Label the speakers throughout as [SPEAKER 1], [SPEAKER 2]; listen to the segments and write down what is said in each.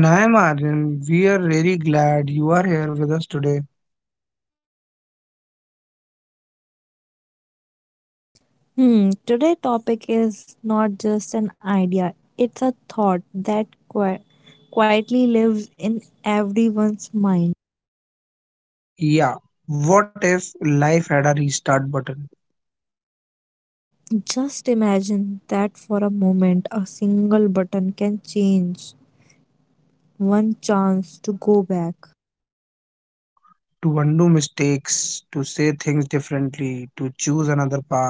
[SPEAKER 1] And I am Arjun. We are very glad you are here with us today.
[SPEAKER 2] Today topic is not just an idea. It's a thought that quietly lives in everyone's mind.
[SPEAKER 1] Yeah, what if life had a restart button?
[SPEAKER 2] Just imagine that for a moment a single button can change one chance to go back.
[SPEAKER 1] To undo mistakes, to say things differently, to choose another path.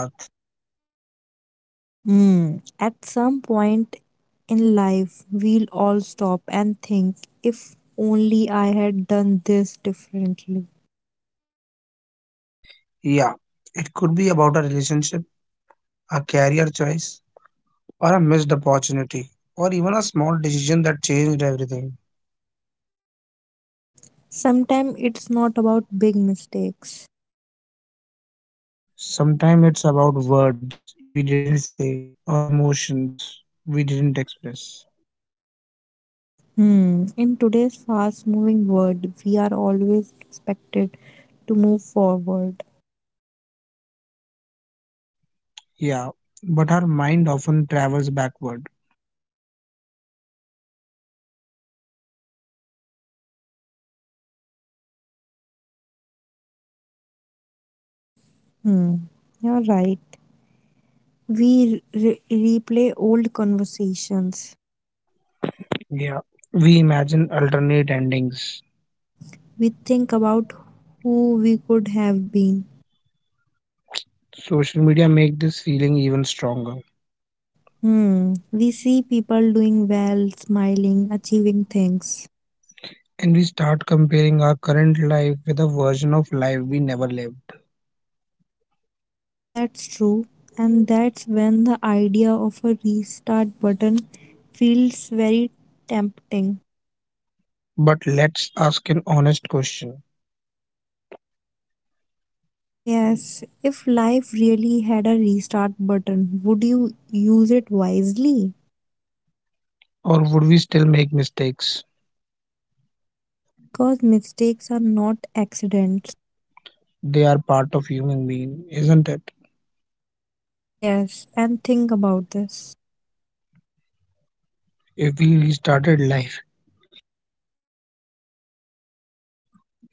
[SPEAKER 2] Hmm, at some point in life we'll all stop and think if only I had done this differently.
[SPEAKER 1] Yeah, it could be about a relationship, a career choice, or a missed opportunity, or even a small decision that changed everything.
[SPEAKER 2] Sometimes it's not about big mistakes.
[SPEAKER 1] Sometimes it's about words we didn't say or emotions we didn't express.
[SPEAKER 2] Hmm. In today's fast moving world, we are always expected to move forward.
[SPEAKER 1] Yeah, but our mind often travels backward.
[SPEAKER 2] Hmm. You're right. We replay old conversations.
[SPEAKER 1] Yeah, we imagine alternate endings.
[SPEAKER 2] We think about who we could have been.
[SPEAKER 1] Social media make this feeling even stronger.
[SPEAKER 2] Hmm. We see people doing well, smiling, achieving things.
[SPEAKER 1] And we start comparing our current life with a version of life we never lived.
[SPEAKER 2] That's true, and that's when the idea of a restart button feels very tempting.
[SPEAKER 1] But let's ask an honest question.
[SPEAKER 2] Yes, if life really had a restart button, would you use it wisely?
[SPEAKER 1] Or would we still make mistakes?
[SPEAKER 2] Because mistakes are not accidents.
[SPEAKER 1] They are part of human being, isn't it?
[SPEAKER 2] Yes, and think about this.
[SPEAKER 1] If we restarted life,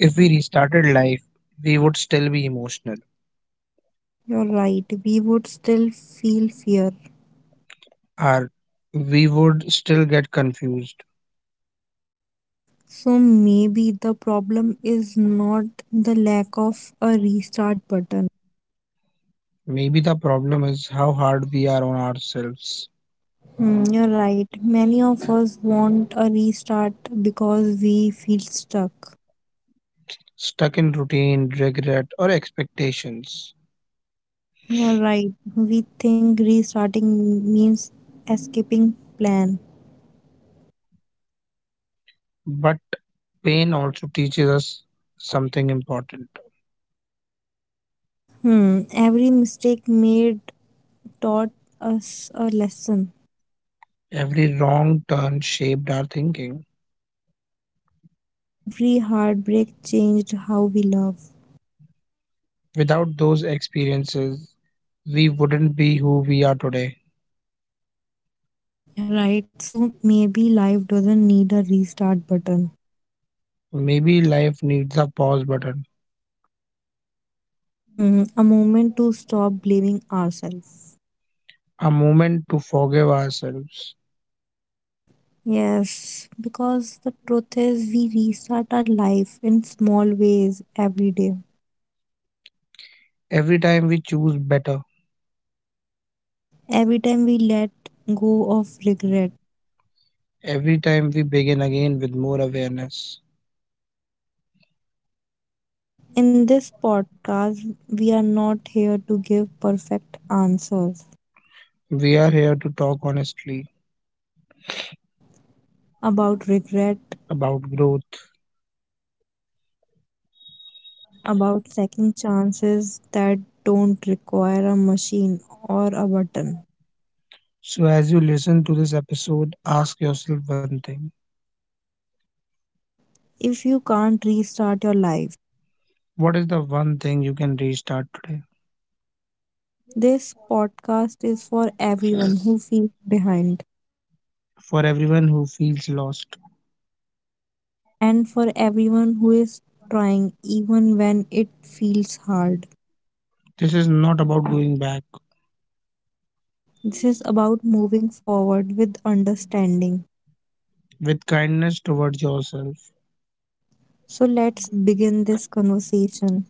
[SPEAKER 1] if we restarted life, we would still be emotional,
[SPEAKER 2] You're right, we would still feel fear.
[SPEAKER 1] or we would still get confused.
[SPEAKER 2] So maybe the problem is not the lack of a restart button.
[SPEAKER 1] Maybe the problem is how hard we are on ourselves.
[SPEAKER 2] Mm, you're right. Many of us want a restart because we feel stuck.
[SPEAKER 1] Stuck in routine, regret, or expectations.
[SPEAKER 2] You're right. We think restarting means escaping plan.
[SPEAKER 1] But pain also teaches us something important.
[SPEAKER 2] Hmm. Every mistake made taught us a lesson.
[SPEAKER 1] Every wrong turn shaped our thinking.
[SPEAKER 2] Every heartbreak changed how we love.
[SPEAKER 1] Without those experiences, we wouldn't be who we are today.
[SPEAKER 2] You're right. So maybe life doesn't need a restart button.
[SPEAKER 1] Maybe life needs a pause button,
[SPEAKER 2] Hmm. A moment to stop blaming ourselves.
[SPEAKER 1] a moment to forgive ourselves.
[SPEAKER 2] Yes, because the truth is, we restart our life in small ways every day.
[SPEAKER 1] Every time we choose better,
[SPEAKER 2] Every time we let go of regret.
[SPEAKER 1] every time we begin again with more awareness.
[SPEAKER 2] In this podcast, we are not here to give perfect answers
[SPEAKER 1] We are here to talk honestly
[SPEAKER 2] about regret,
[SPEAKER 1] about growth.
[SPEAKER 2] about second chances that don't require a machine or a button.
[SPEAKER 1] So, as you listen to this episode, ask yourself one thing:
[SPEAKER 2] If you can't restart your life,
[SPEAKER 1] what is the one thing you can restart today?
[SPEAKER 2] this podcast is for everyone who feels behind,
[SPEAKER 1] For everyone who feels lost,
[SPEAKER 2] and for everyone who is trying, even when it feels hard.
[SPEAKER 1] this is not about going back,
[SPEAKER 2] This is about moving forward with understanding.
[SPEAKER 1] with kindness towards yourself.
[SPEAKER 2] So let's begin this conversation.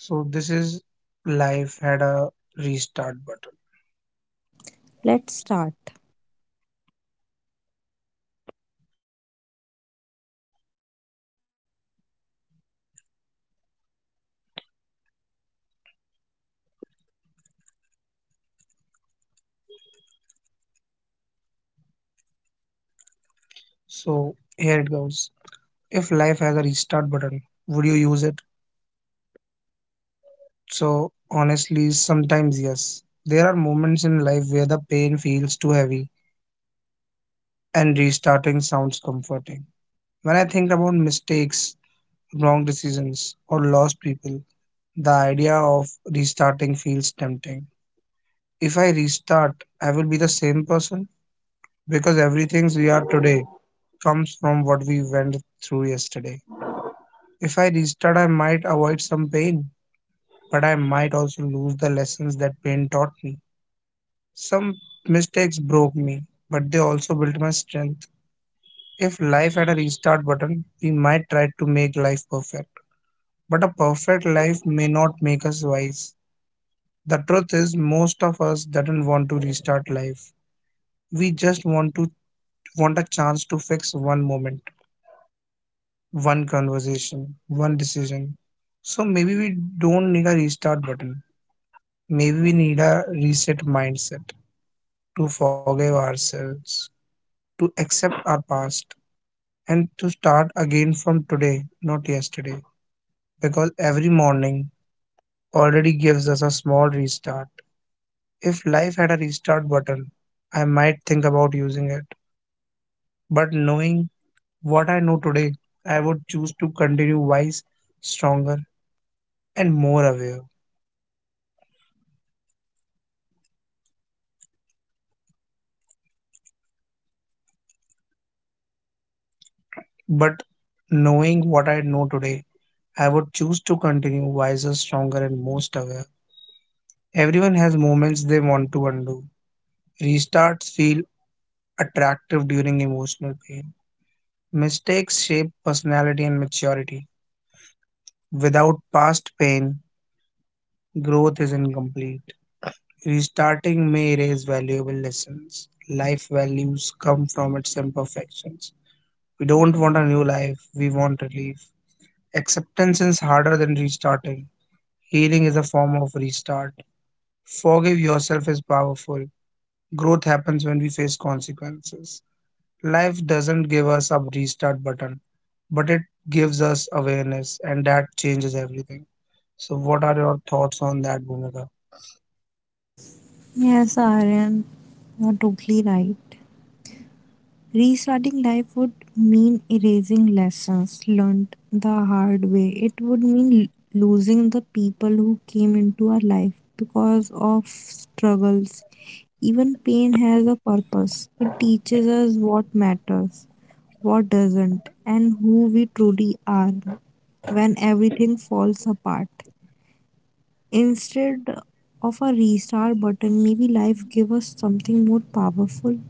[SPEAKER 1] So, this is life had a restart button.
[SPEAKER 2] Let's start.
[SPEAKER 1] So, here it goes. If life has a restart button, would you use it? So, honestly, sometimes yes. There are moments in life where the pain feels too heavy and restarting sounds comforting. When I think about mistakes, wrong decisions, or lost people, the idea of restarting feels tempting. If I restart, I will be the same person because everything we are today comes from what we went through yesterday. If I restart, I might avoid some pain, but I might also lose the lessons that pain taught me. Some mistakes broke me, but they also built my strength. If life had a restart button, we might try to make life perfect. But a perfect life may not make us wise. The truth is most of us doesn't want to restart life. We just want a chance to fix one moment, one conversation, one decision. So maybe we don't need a restart button. Maybe we need a reset mindset to forgive ourselves, to accept our past, and to start again from today, not yesterday. Because every morning already gives us a small restart. If life had a restart button, I might think about using it. But knowing what I know today, I would choose to continue wise, stronger, and more aware. But knowing what I know today, I would choose to continue wiser, stronger, and most aware. Everyone has moments they want to undo. Restarts feel attractive during emotional pain. Mistakes shape personality and maturity. Without past pain, growth is incomplete. Restarting may erase valuable lessons. Life values come from its imperfections. We don't want a new life, we want relief. Acceptance is harder than restarting. Healing is a form of restart. Forgive yourself is powerful. Growth happens when we face consequences. Life doesn't give us a restart button, but it gives us awareness, and that changes everything. So, what are your thoughts on that, Bhumika?
[SPEAKER 2] Yes, Aryan, you're totally right. Restarting life would mean erasing lessons learned the hard way. It would mean losing the people who came into our life because of struggles. Even pain has a purpose. It teaches us what matters, what doesn't, and who we truly are when everything falls apart. Instead of a restart button, maybe life gives us something more powerful,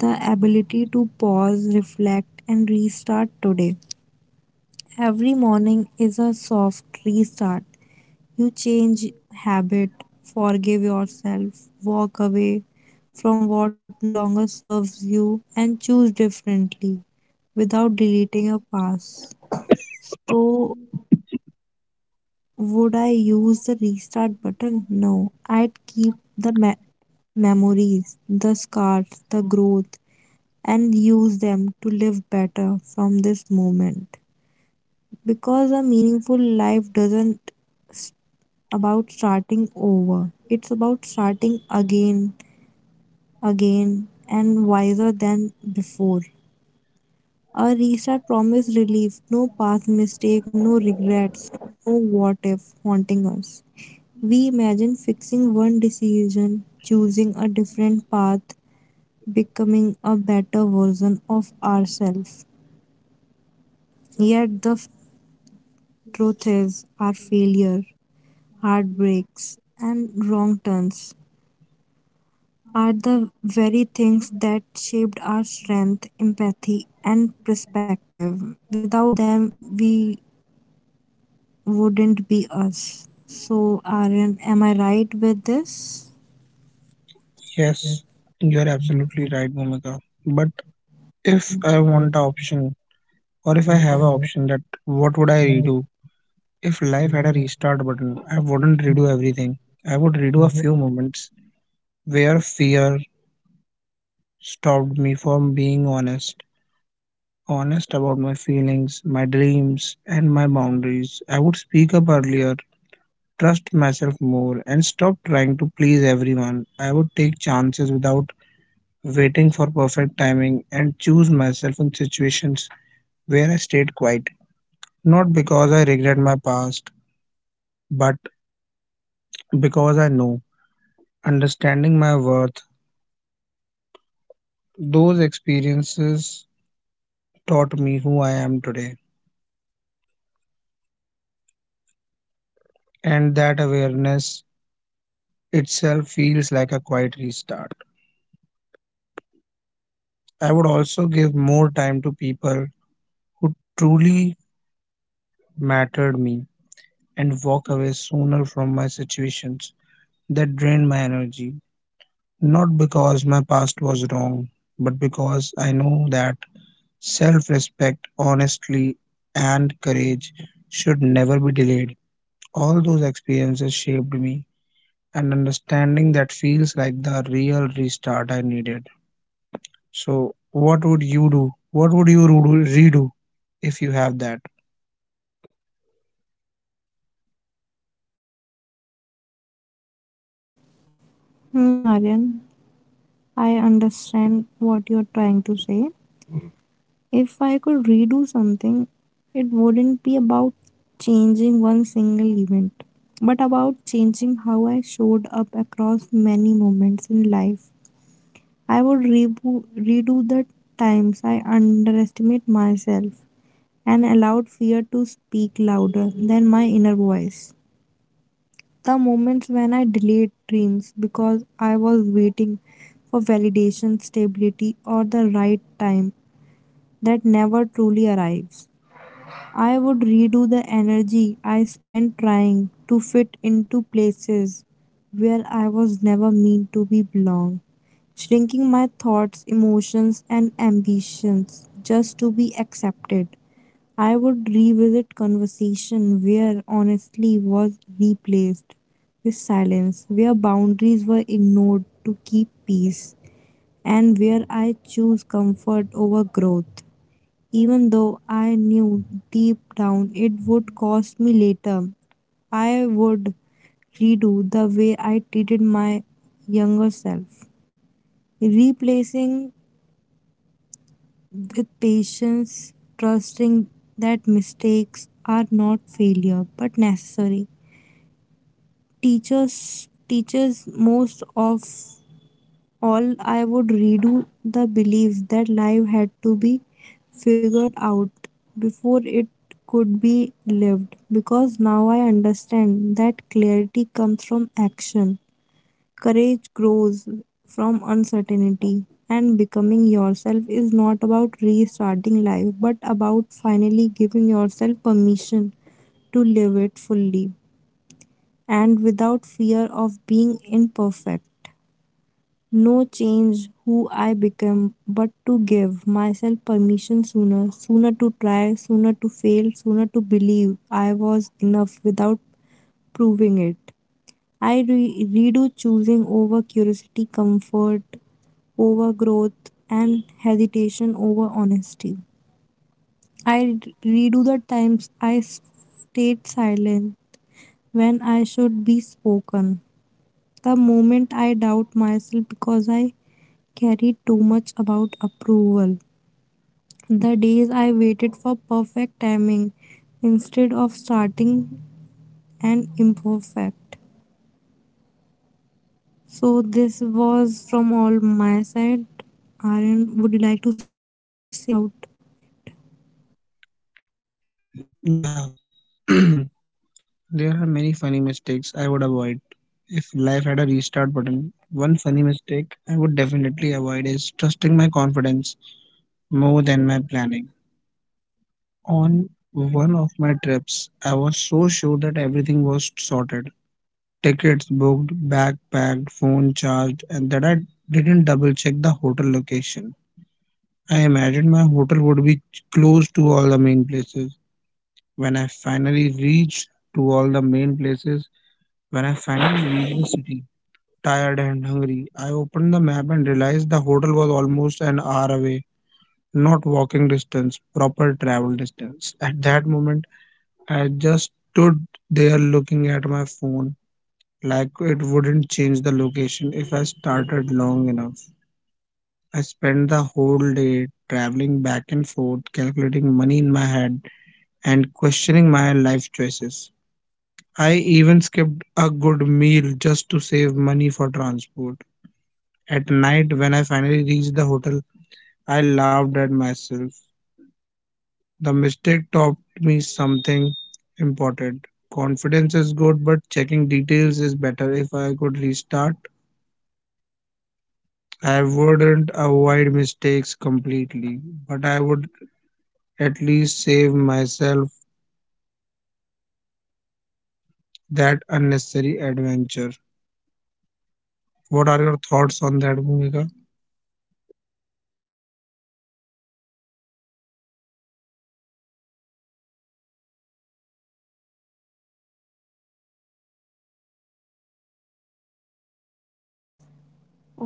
[SPEAKER 2] the ability to pause, reflect, and restart today. Every morning is a soft restart. You change habit, forgive yourself, walk away from what no longer serves you, and choose differently without deleting your past. So, would I use the restart button? No, I'd keep the memories, the scars, the growth, and use them to live better from this moment, because a meaningful life doesn't s- about starting over, it's about starting again, again and wiser than before. A restart promises relief, no past mistake, no regrets, no what if haunting us. We imagine fixing one decision, choosing a different path, becoming a better version of ourselves, yet truth is our failure, heartbreaks, and wrong turns are the very things that shaped our strength, empathy, and perspective. Without them, we wouldn't be us. So, Aryan, am I right with this?
[SPEAKER 1] Yes, you are absolutely right, Bhumika. But if I want the option, or if I have an option, that what would I redo? If life had a restart button, I wouldn't redo everything. I would redo a few moments where fear stopped me from being honest, honest about my feelings, my dreams, and my boundaries. I would speak up earlier, trust myself more, and stop trying to please everyone. I would take chances without waiting for perfect timing and choose myself in situations where I stayed quiet. Not because I regret my past, but because I know, understanding my worth, those experiences taught me who I am today. And that awareness itself feels like a quiet restart. I would also give more time to people who truly mattered me and walk away sooner from my situations that drained my energy. Not because my past was wrong, but because I know that self respect, honesty, and courage should never be delayed. All those experiences shaped me, and understanding that feels like the real restart I needed. So, what would you do? What would you redo if you have that?
[SPEAKER 2] Aryan, I understand what you're trying to say. If I could redo something, it wouldn't be about changing one single event, but about changing how I showed up across many moments in life. I would redo the times I underestimate myself and allowed fear to speak louder than my inner voice. The moments when I delayed dreams because I was waiting for validation, stability, or the right time that never truly arrives. I would redo the energy I spent trying to fit into places where I was never meant to be belong, shrinking my thoughts, emotions and ambitions just to be accepted. I would revisit conversation where honestly was replaced with silence, where boundaries were ignored to keep peace, and where I choose comfort over growth even though I knew deep down it would cost me later. I would redo the way I treated my younger self, replacing with patience, trusting that mistakes are not failure but necessary. Teachers, most of all I would redo the belief that life had to be figured out before it could be lived, because now I understand that clarity comes from action. Courage grows from uncertainty, and becoming yourself is not about restarting life but about finally giving yourself permission to live it fully and without fear of being imperfect, no change who I become, but to give myself permission sooner, sooner to try, sooner to fail, sooner to believe I was enough without proving it. I redo choosing over curiosity, comfort over growth, and hesitation over honesty. I redo the times I stayed silent when I should be spoken. The moment I doubt myself because I carried too much about approval. The days I waited for perfect timing instead of starting and imperfect. So this was from all my side. Aryan, would you like to say something about?
[SPEAKER 1] Yeah, there are many funny mistakes I would avoid. If life had a restart button, one funny mistake I would definitely avoid is trusting my confidence more than my planning. On one of my trips, I was so sure that everything was sorted, tickets booked, backpacked, phone charged, and that I didn't double check the hotel location. I imagined my hotel would be close to all the main places. When I finally reached to all the main places, When I finally reached the city, tired and hungry, I opened the map and realized the hotel was almost an hour away, not walking distance, proper travel distance. At that moment, I just stood there looking at my phone like it wouldn't change the location if I started long enough. I spent the whole day traveling back and forth, calculating money in my head and questioning my life choices. I even skipped a good meal just to save money for transport. At night, when I finally reached the hotel, I laughed at myself. The mistake taught me something important. Confidence is good, but checking details is better. If I could restart, I wouldn't avoid mistakes completely, but I would at least save myself that unnecessary adventure. What are your thoughts on that, Bhumika?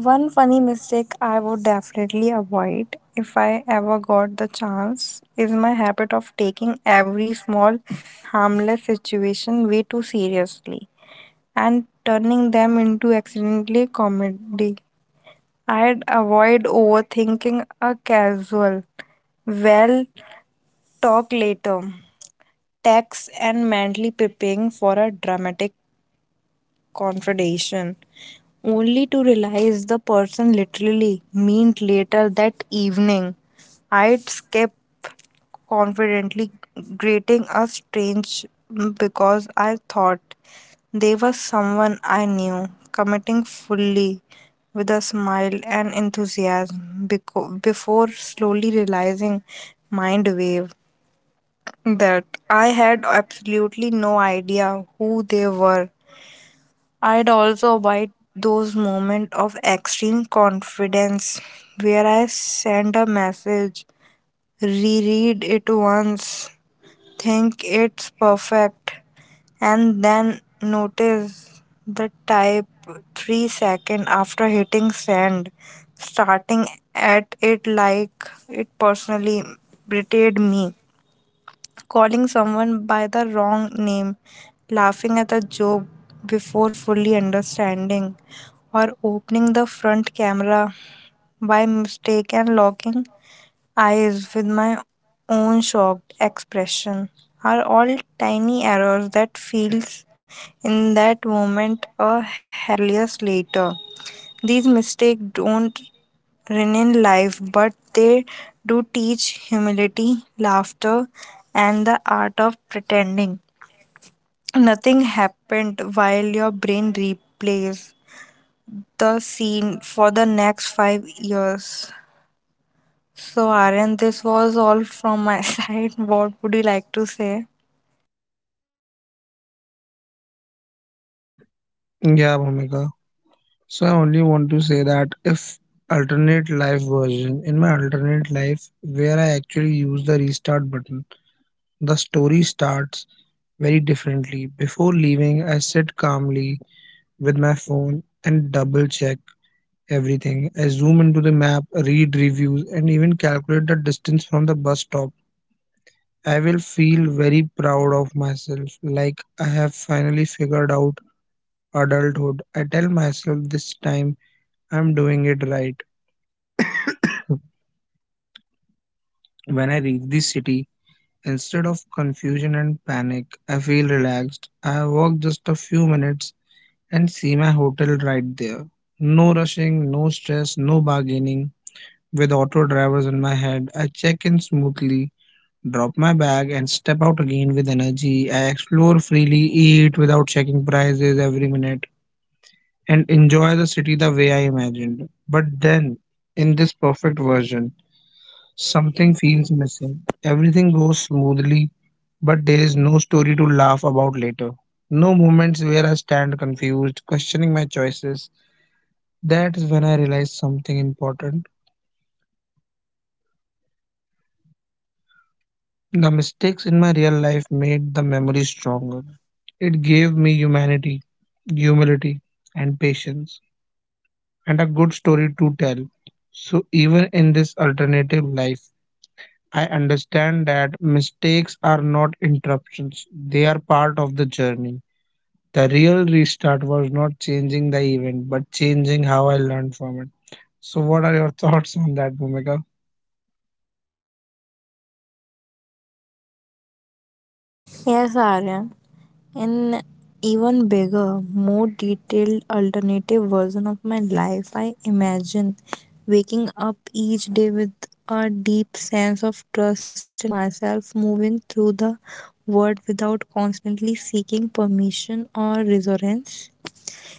[SPEAKER 2] One funny mistake I would definitely avoid if I ever got the chance is my habit of taking every small harmless situation way too seriously and turning them into accidentally comedy. I'd avoid overthinking a casual. Well, talk later. Text and mentally preparing for a dramatic confrontation only to realize the person literally meant later that evening. I'd skip confidently, greeting a strange because I thought they were someone I knew, committing fully with a smile and enthusiasm before slowly realizing mind wave that I had absolutely no idea who they were. I'd also avoid those moments of extreme confidence where I send a message, reread it once, think it's perfect, and then notice the type 3 seconds after hitting send, starting at it like it personally betrayed me. Calling someone by the wrong name, laughing at a joke before fully understanding or opening the front camera by mistake and locking eyes with my own shocked expression are all tiny errors that feels in that moment a hilarious later. These mistakes don't ruin life, but they do teach humility, laughter, and the art of pretending. Nothing happened while your brain replays the scene for the next 5 years. So, Aryan, this was all from my side. What would you like to say?
[SPEAKER 1] Yeah, Bhumika. So I only want to say that if alternate life version, in my alternate life where I actually use the restart button, the story starts very differently. Before leaving, I sit calmly with my phone and double check everything. I zoom into the map, read reviews, and even calculate the distance from the bus stop. I will feel very proud of myself, like I have finally figured out adulthood. I tell myself this time I'm doing it right. When I reach the city, instead of confusion and panic, I feel relaxed. I walk just a few minutes and see my hotel right there. No rushing, no stress, no bargaining. With auto drivers in my head, I check in smoothly, drop my bag, and step out again with energy. I explore freely, eat without checking prices every minute, and enjoy the city the way I imagined. But then, in this perfect version, something feels missing. Everything goes smoothly, but there is no story to laugh about later. No moments where I stand confused, questioning my choices, that is when I realized something important. The mistakes in my real life made the memory stronger. It gave me humanity, humility, and patience, and a good story to tell. So, even in this alternative life, I understand that mistakes are not interruptions, they are part of the journey. The real restart was not changing the event, but changing how I learned from it. So, what are your thoughts on that, Bhumika?
[SPEAKER 2] Yes, Aryan. An even bigger, more detailed alternative version of my life, I imagine waking up each day with a deep sense of trust in myself, moving through the world without constantly seeking permission or reassurance.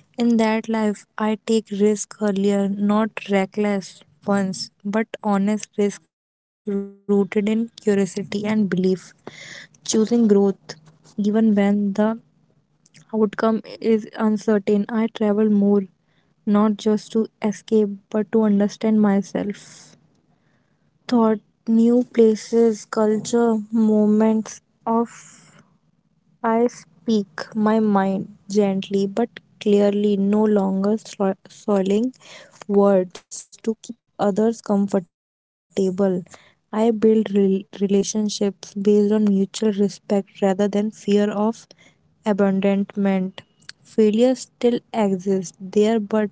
[SPEAKER 2] In that life, I take risk earlier, not reckless ones, but honest risk rooted in curiosity and belief. Choosing growth, even when the outcome is uncertain, I travel more, not just to escape, but to understand myself. Thought, new places, culture, moments of I speak my mind gently but clearly, no longer soiling words to keep others comfortable. I build relationships based on mutual respect rather than fear of abandonment. Failures still exist there, but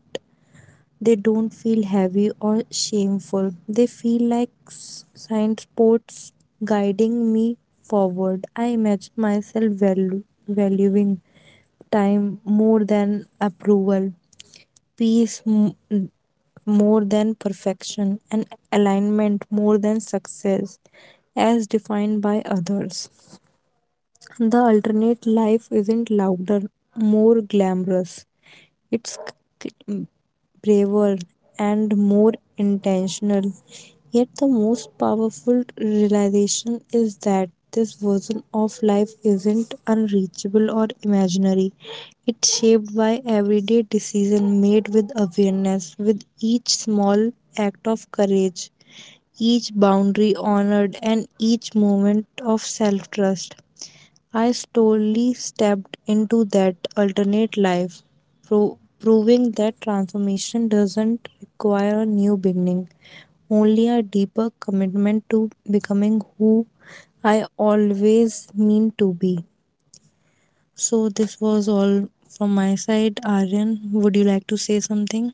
[SPEAKER 2] they don't feel heavy or shameful. They feel like signposts guiding me forward. I imagine myself valuing time more than approval, peace m- more than perfection, and alignment more than success as defined by others. The alternate life isn't louder, more glamorous. It's c- c- braver and more intentional. Yet, the most powerful realization is that this version of life isn't unreachable or imaginary. It's shaped by everyday decision made with awareness, with each small act of courage, each boundary honored, and each moment of self trust. I slowly stepped into that alternate life, proving that transformation doesn't require a new beginning, only a deeper commitment to becoming who I always mean to be. So, this was all from my side. Aryan, would you like to say something?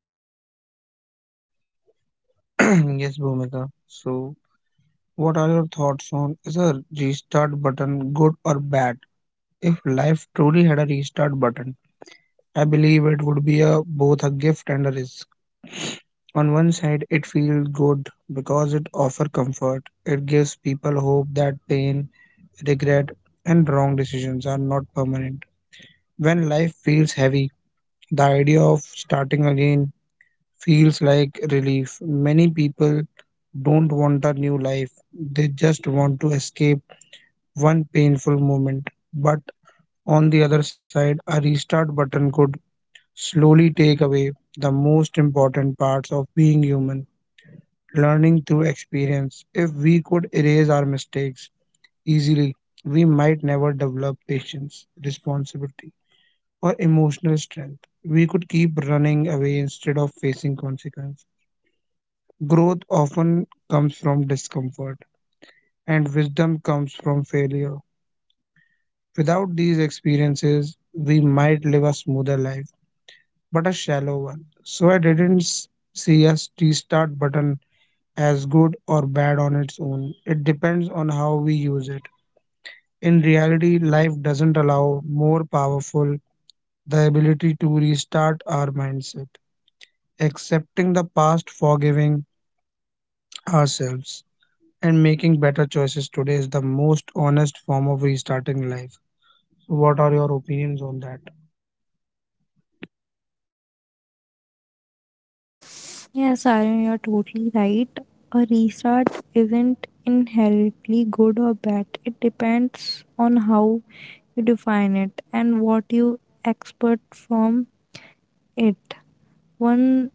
[SPEAKER 1] Yes, Bhumika. So, what are your thoughts on is a restart button good or bad? If life truly had a restart button, I believe it would be a both a gift and a risk. On one side, it feels good because it offers comfort. It gives people hope that pain, regret, and wrong decisions are not permanent. When life feels heavy, the idea of starting again feels like relief. Many people don't want a new life. They just want to escape one painful moment, but on the other side, a restart button could slowly take away the most important parts of being human, learning through experience. If we could erase our mistakes easily, we might never develop patience, responsibility, or emotional strength. We could keep running away instead of facing consequences. Growth often comes from discomfort, and wisdom comes from failure. Without these experiences, we might live a smoother life, but a shallow one. So I didn't s- see a restart button as good or bad on its own. It depends on how we use it. In reality, life doesn't allow more powerful, the ability to restart our mindset, accepting the past, forgiving ourselves, and making better choices today is the most honest form of restarting life. So what are your opinions on that?
[SPEAKER 2] Yes, Aryan, you're totally right. A restart isn't inherently good or bad. It depends on how you define it and what you expect from it. One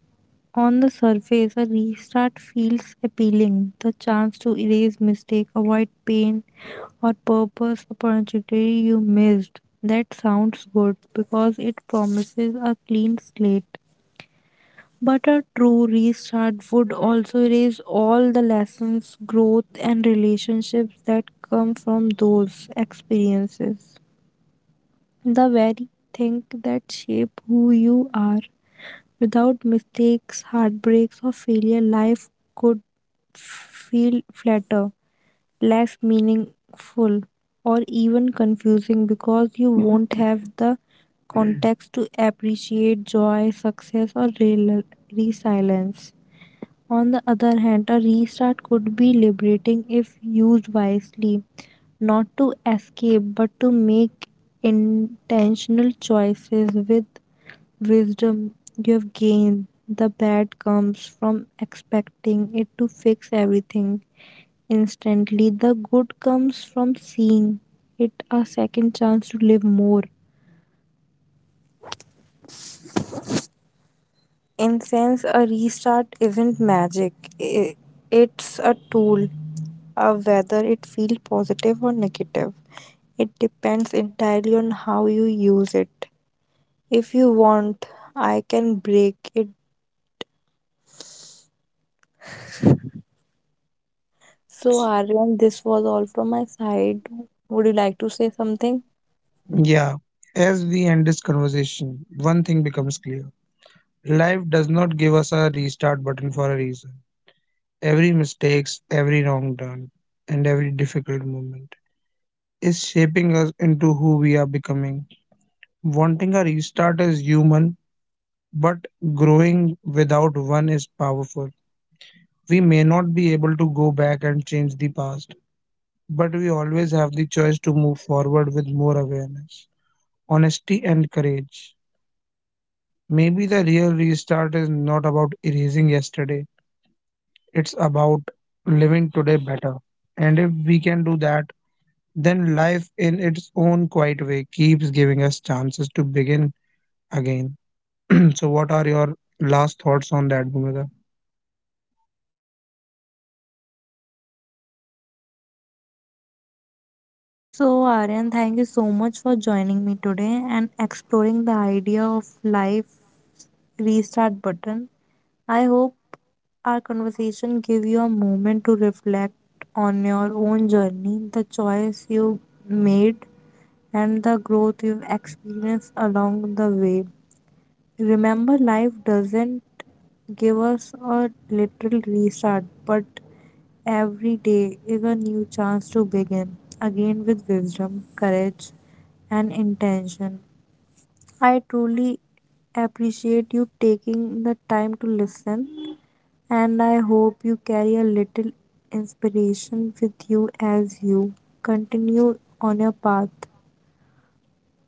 [SPEAKER 2] on the surface, a restart feels appealing. The chance to erase mistake, avoid pain, or purpose opportunity you missed. That sounds good because it promises a clean slate. But a true restart would also erase all the lessons, growth, and relationships that come from those experiences. The very thing that shape who you are. Without mistakes, heartbreaks, or failure, life could feel flatter, less meaningful, or even confusing because you won't have the context to appreciate joy, success, or real resilience. On the other hand, a restart could be liberating if used wisely, not to escape but to make intentional choices with wisdom you have gained. The bad comes from expecting it to fix everything instantly, the good comes from seeing it a second chance to live more. In sense, a restart isn't magic. i- It's a tool whether it feels positive or negative. It depends entirely on how you use it. If you want, I can break it. So, Aryan, this was all from my side.
[SPEAKER 1] Yeah,
[SPEAKER 2] Would you like to
[SPEAKER 1] as
[SPEAKER 2] say
[SPEAKER 1] we end this
[SPEAKER 2] something?
[SPEAKER 1] conversation, one thing becomes clear. Life does not give us a restart button for a reason. Every mistakes, every wrong turn, and every difficult moment is shaping us into who we are becoming. Wanting a restart is human, but growing without one is powerful. We may not be able to go back and change the past, but we always have the choice to move forward with more awareness, honesty, and courage. Maybe the real restart is not about erasing yesterday, it's about living today better. And if we can do that, then life in its own quiet way keeps giving us chances to begin again. So, what are your last thoughts on that, Bhumika?
[SPEAKER 2] So, Aryan, thank you so much for joining me today and exploring the idea of life restart button. I hope our conversation give you a moment to reflect on your own journey, the choice you made, and the growth you've experienced along the way. Remember, life doesn't give us a little restart, but every day is a new chance to begin again with wisdom, courage, and intention. I truly appreciate you taking the time to listen, and I hope you carry a little inspiration with you as you continue on your path.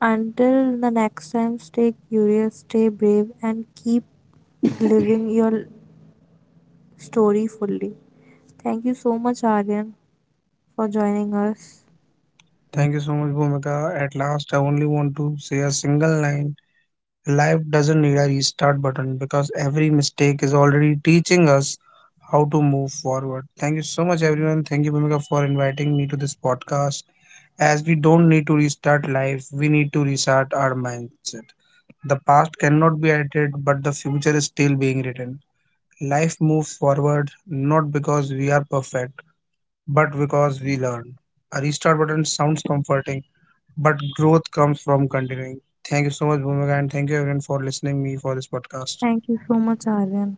[SPEAKER 2] Until the next time, stay curious, stay brave, and keep living your story fully. Thank you so much, Aryan,
[SPEAKER 1] Thank you so
[SPEAKER 2] for
[SPEAKER 1] much,
[SPEAKER 2] joining
[SPEAKER 1] Bhumika. At
[SPEAKER 2] us.
[SPEAKER 1] last, I only want to say a single line. Life doesn't need a restart button because every mistake is already teaching us how to move forward. Thank you so much, everyone. Thank you, Bhumika, for inviting me to this podcast. As we don't need to restart life, we need to restart our mindset. The past cannot be edited, but the future is still being written. Life moves forward not because we are perfect, but because we learn. A restart button sounds comforting but growth comes from continuing. Thank you so much, Bhumika, and thank you everyone for listening me for this podcast.
[SPEAKER 2] Thank you so much, Aryan.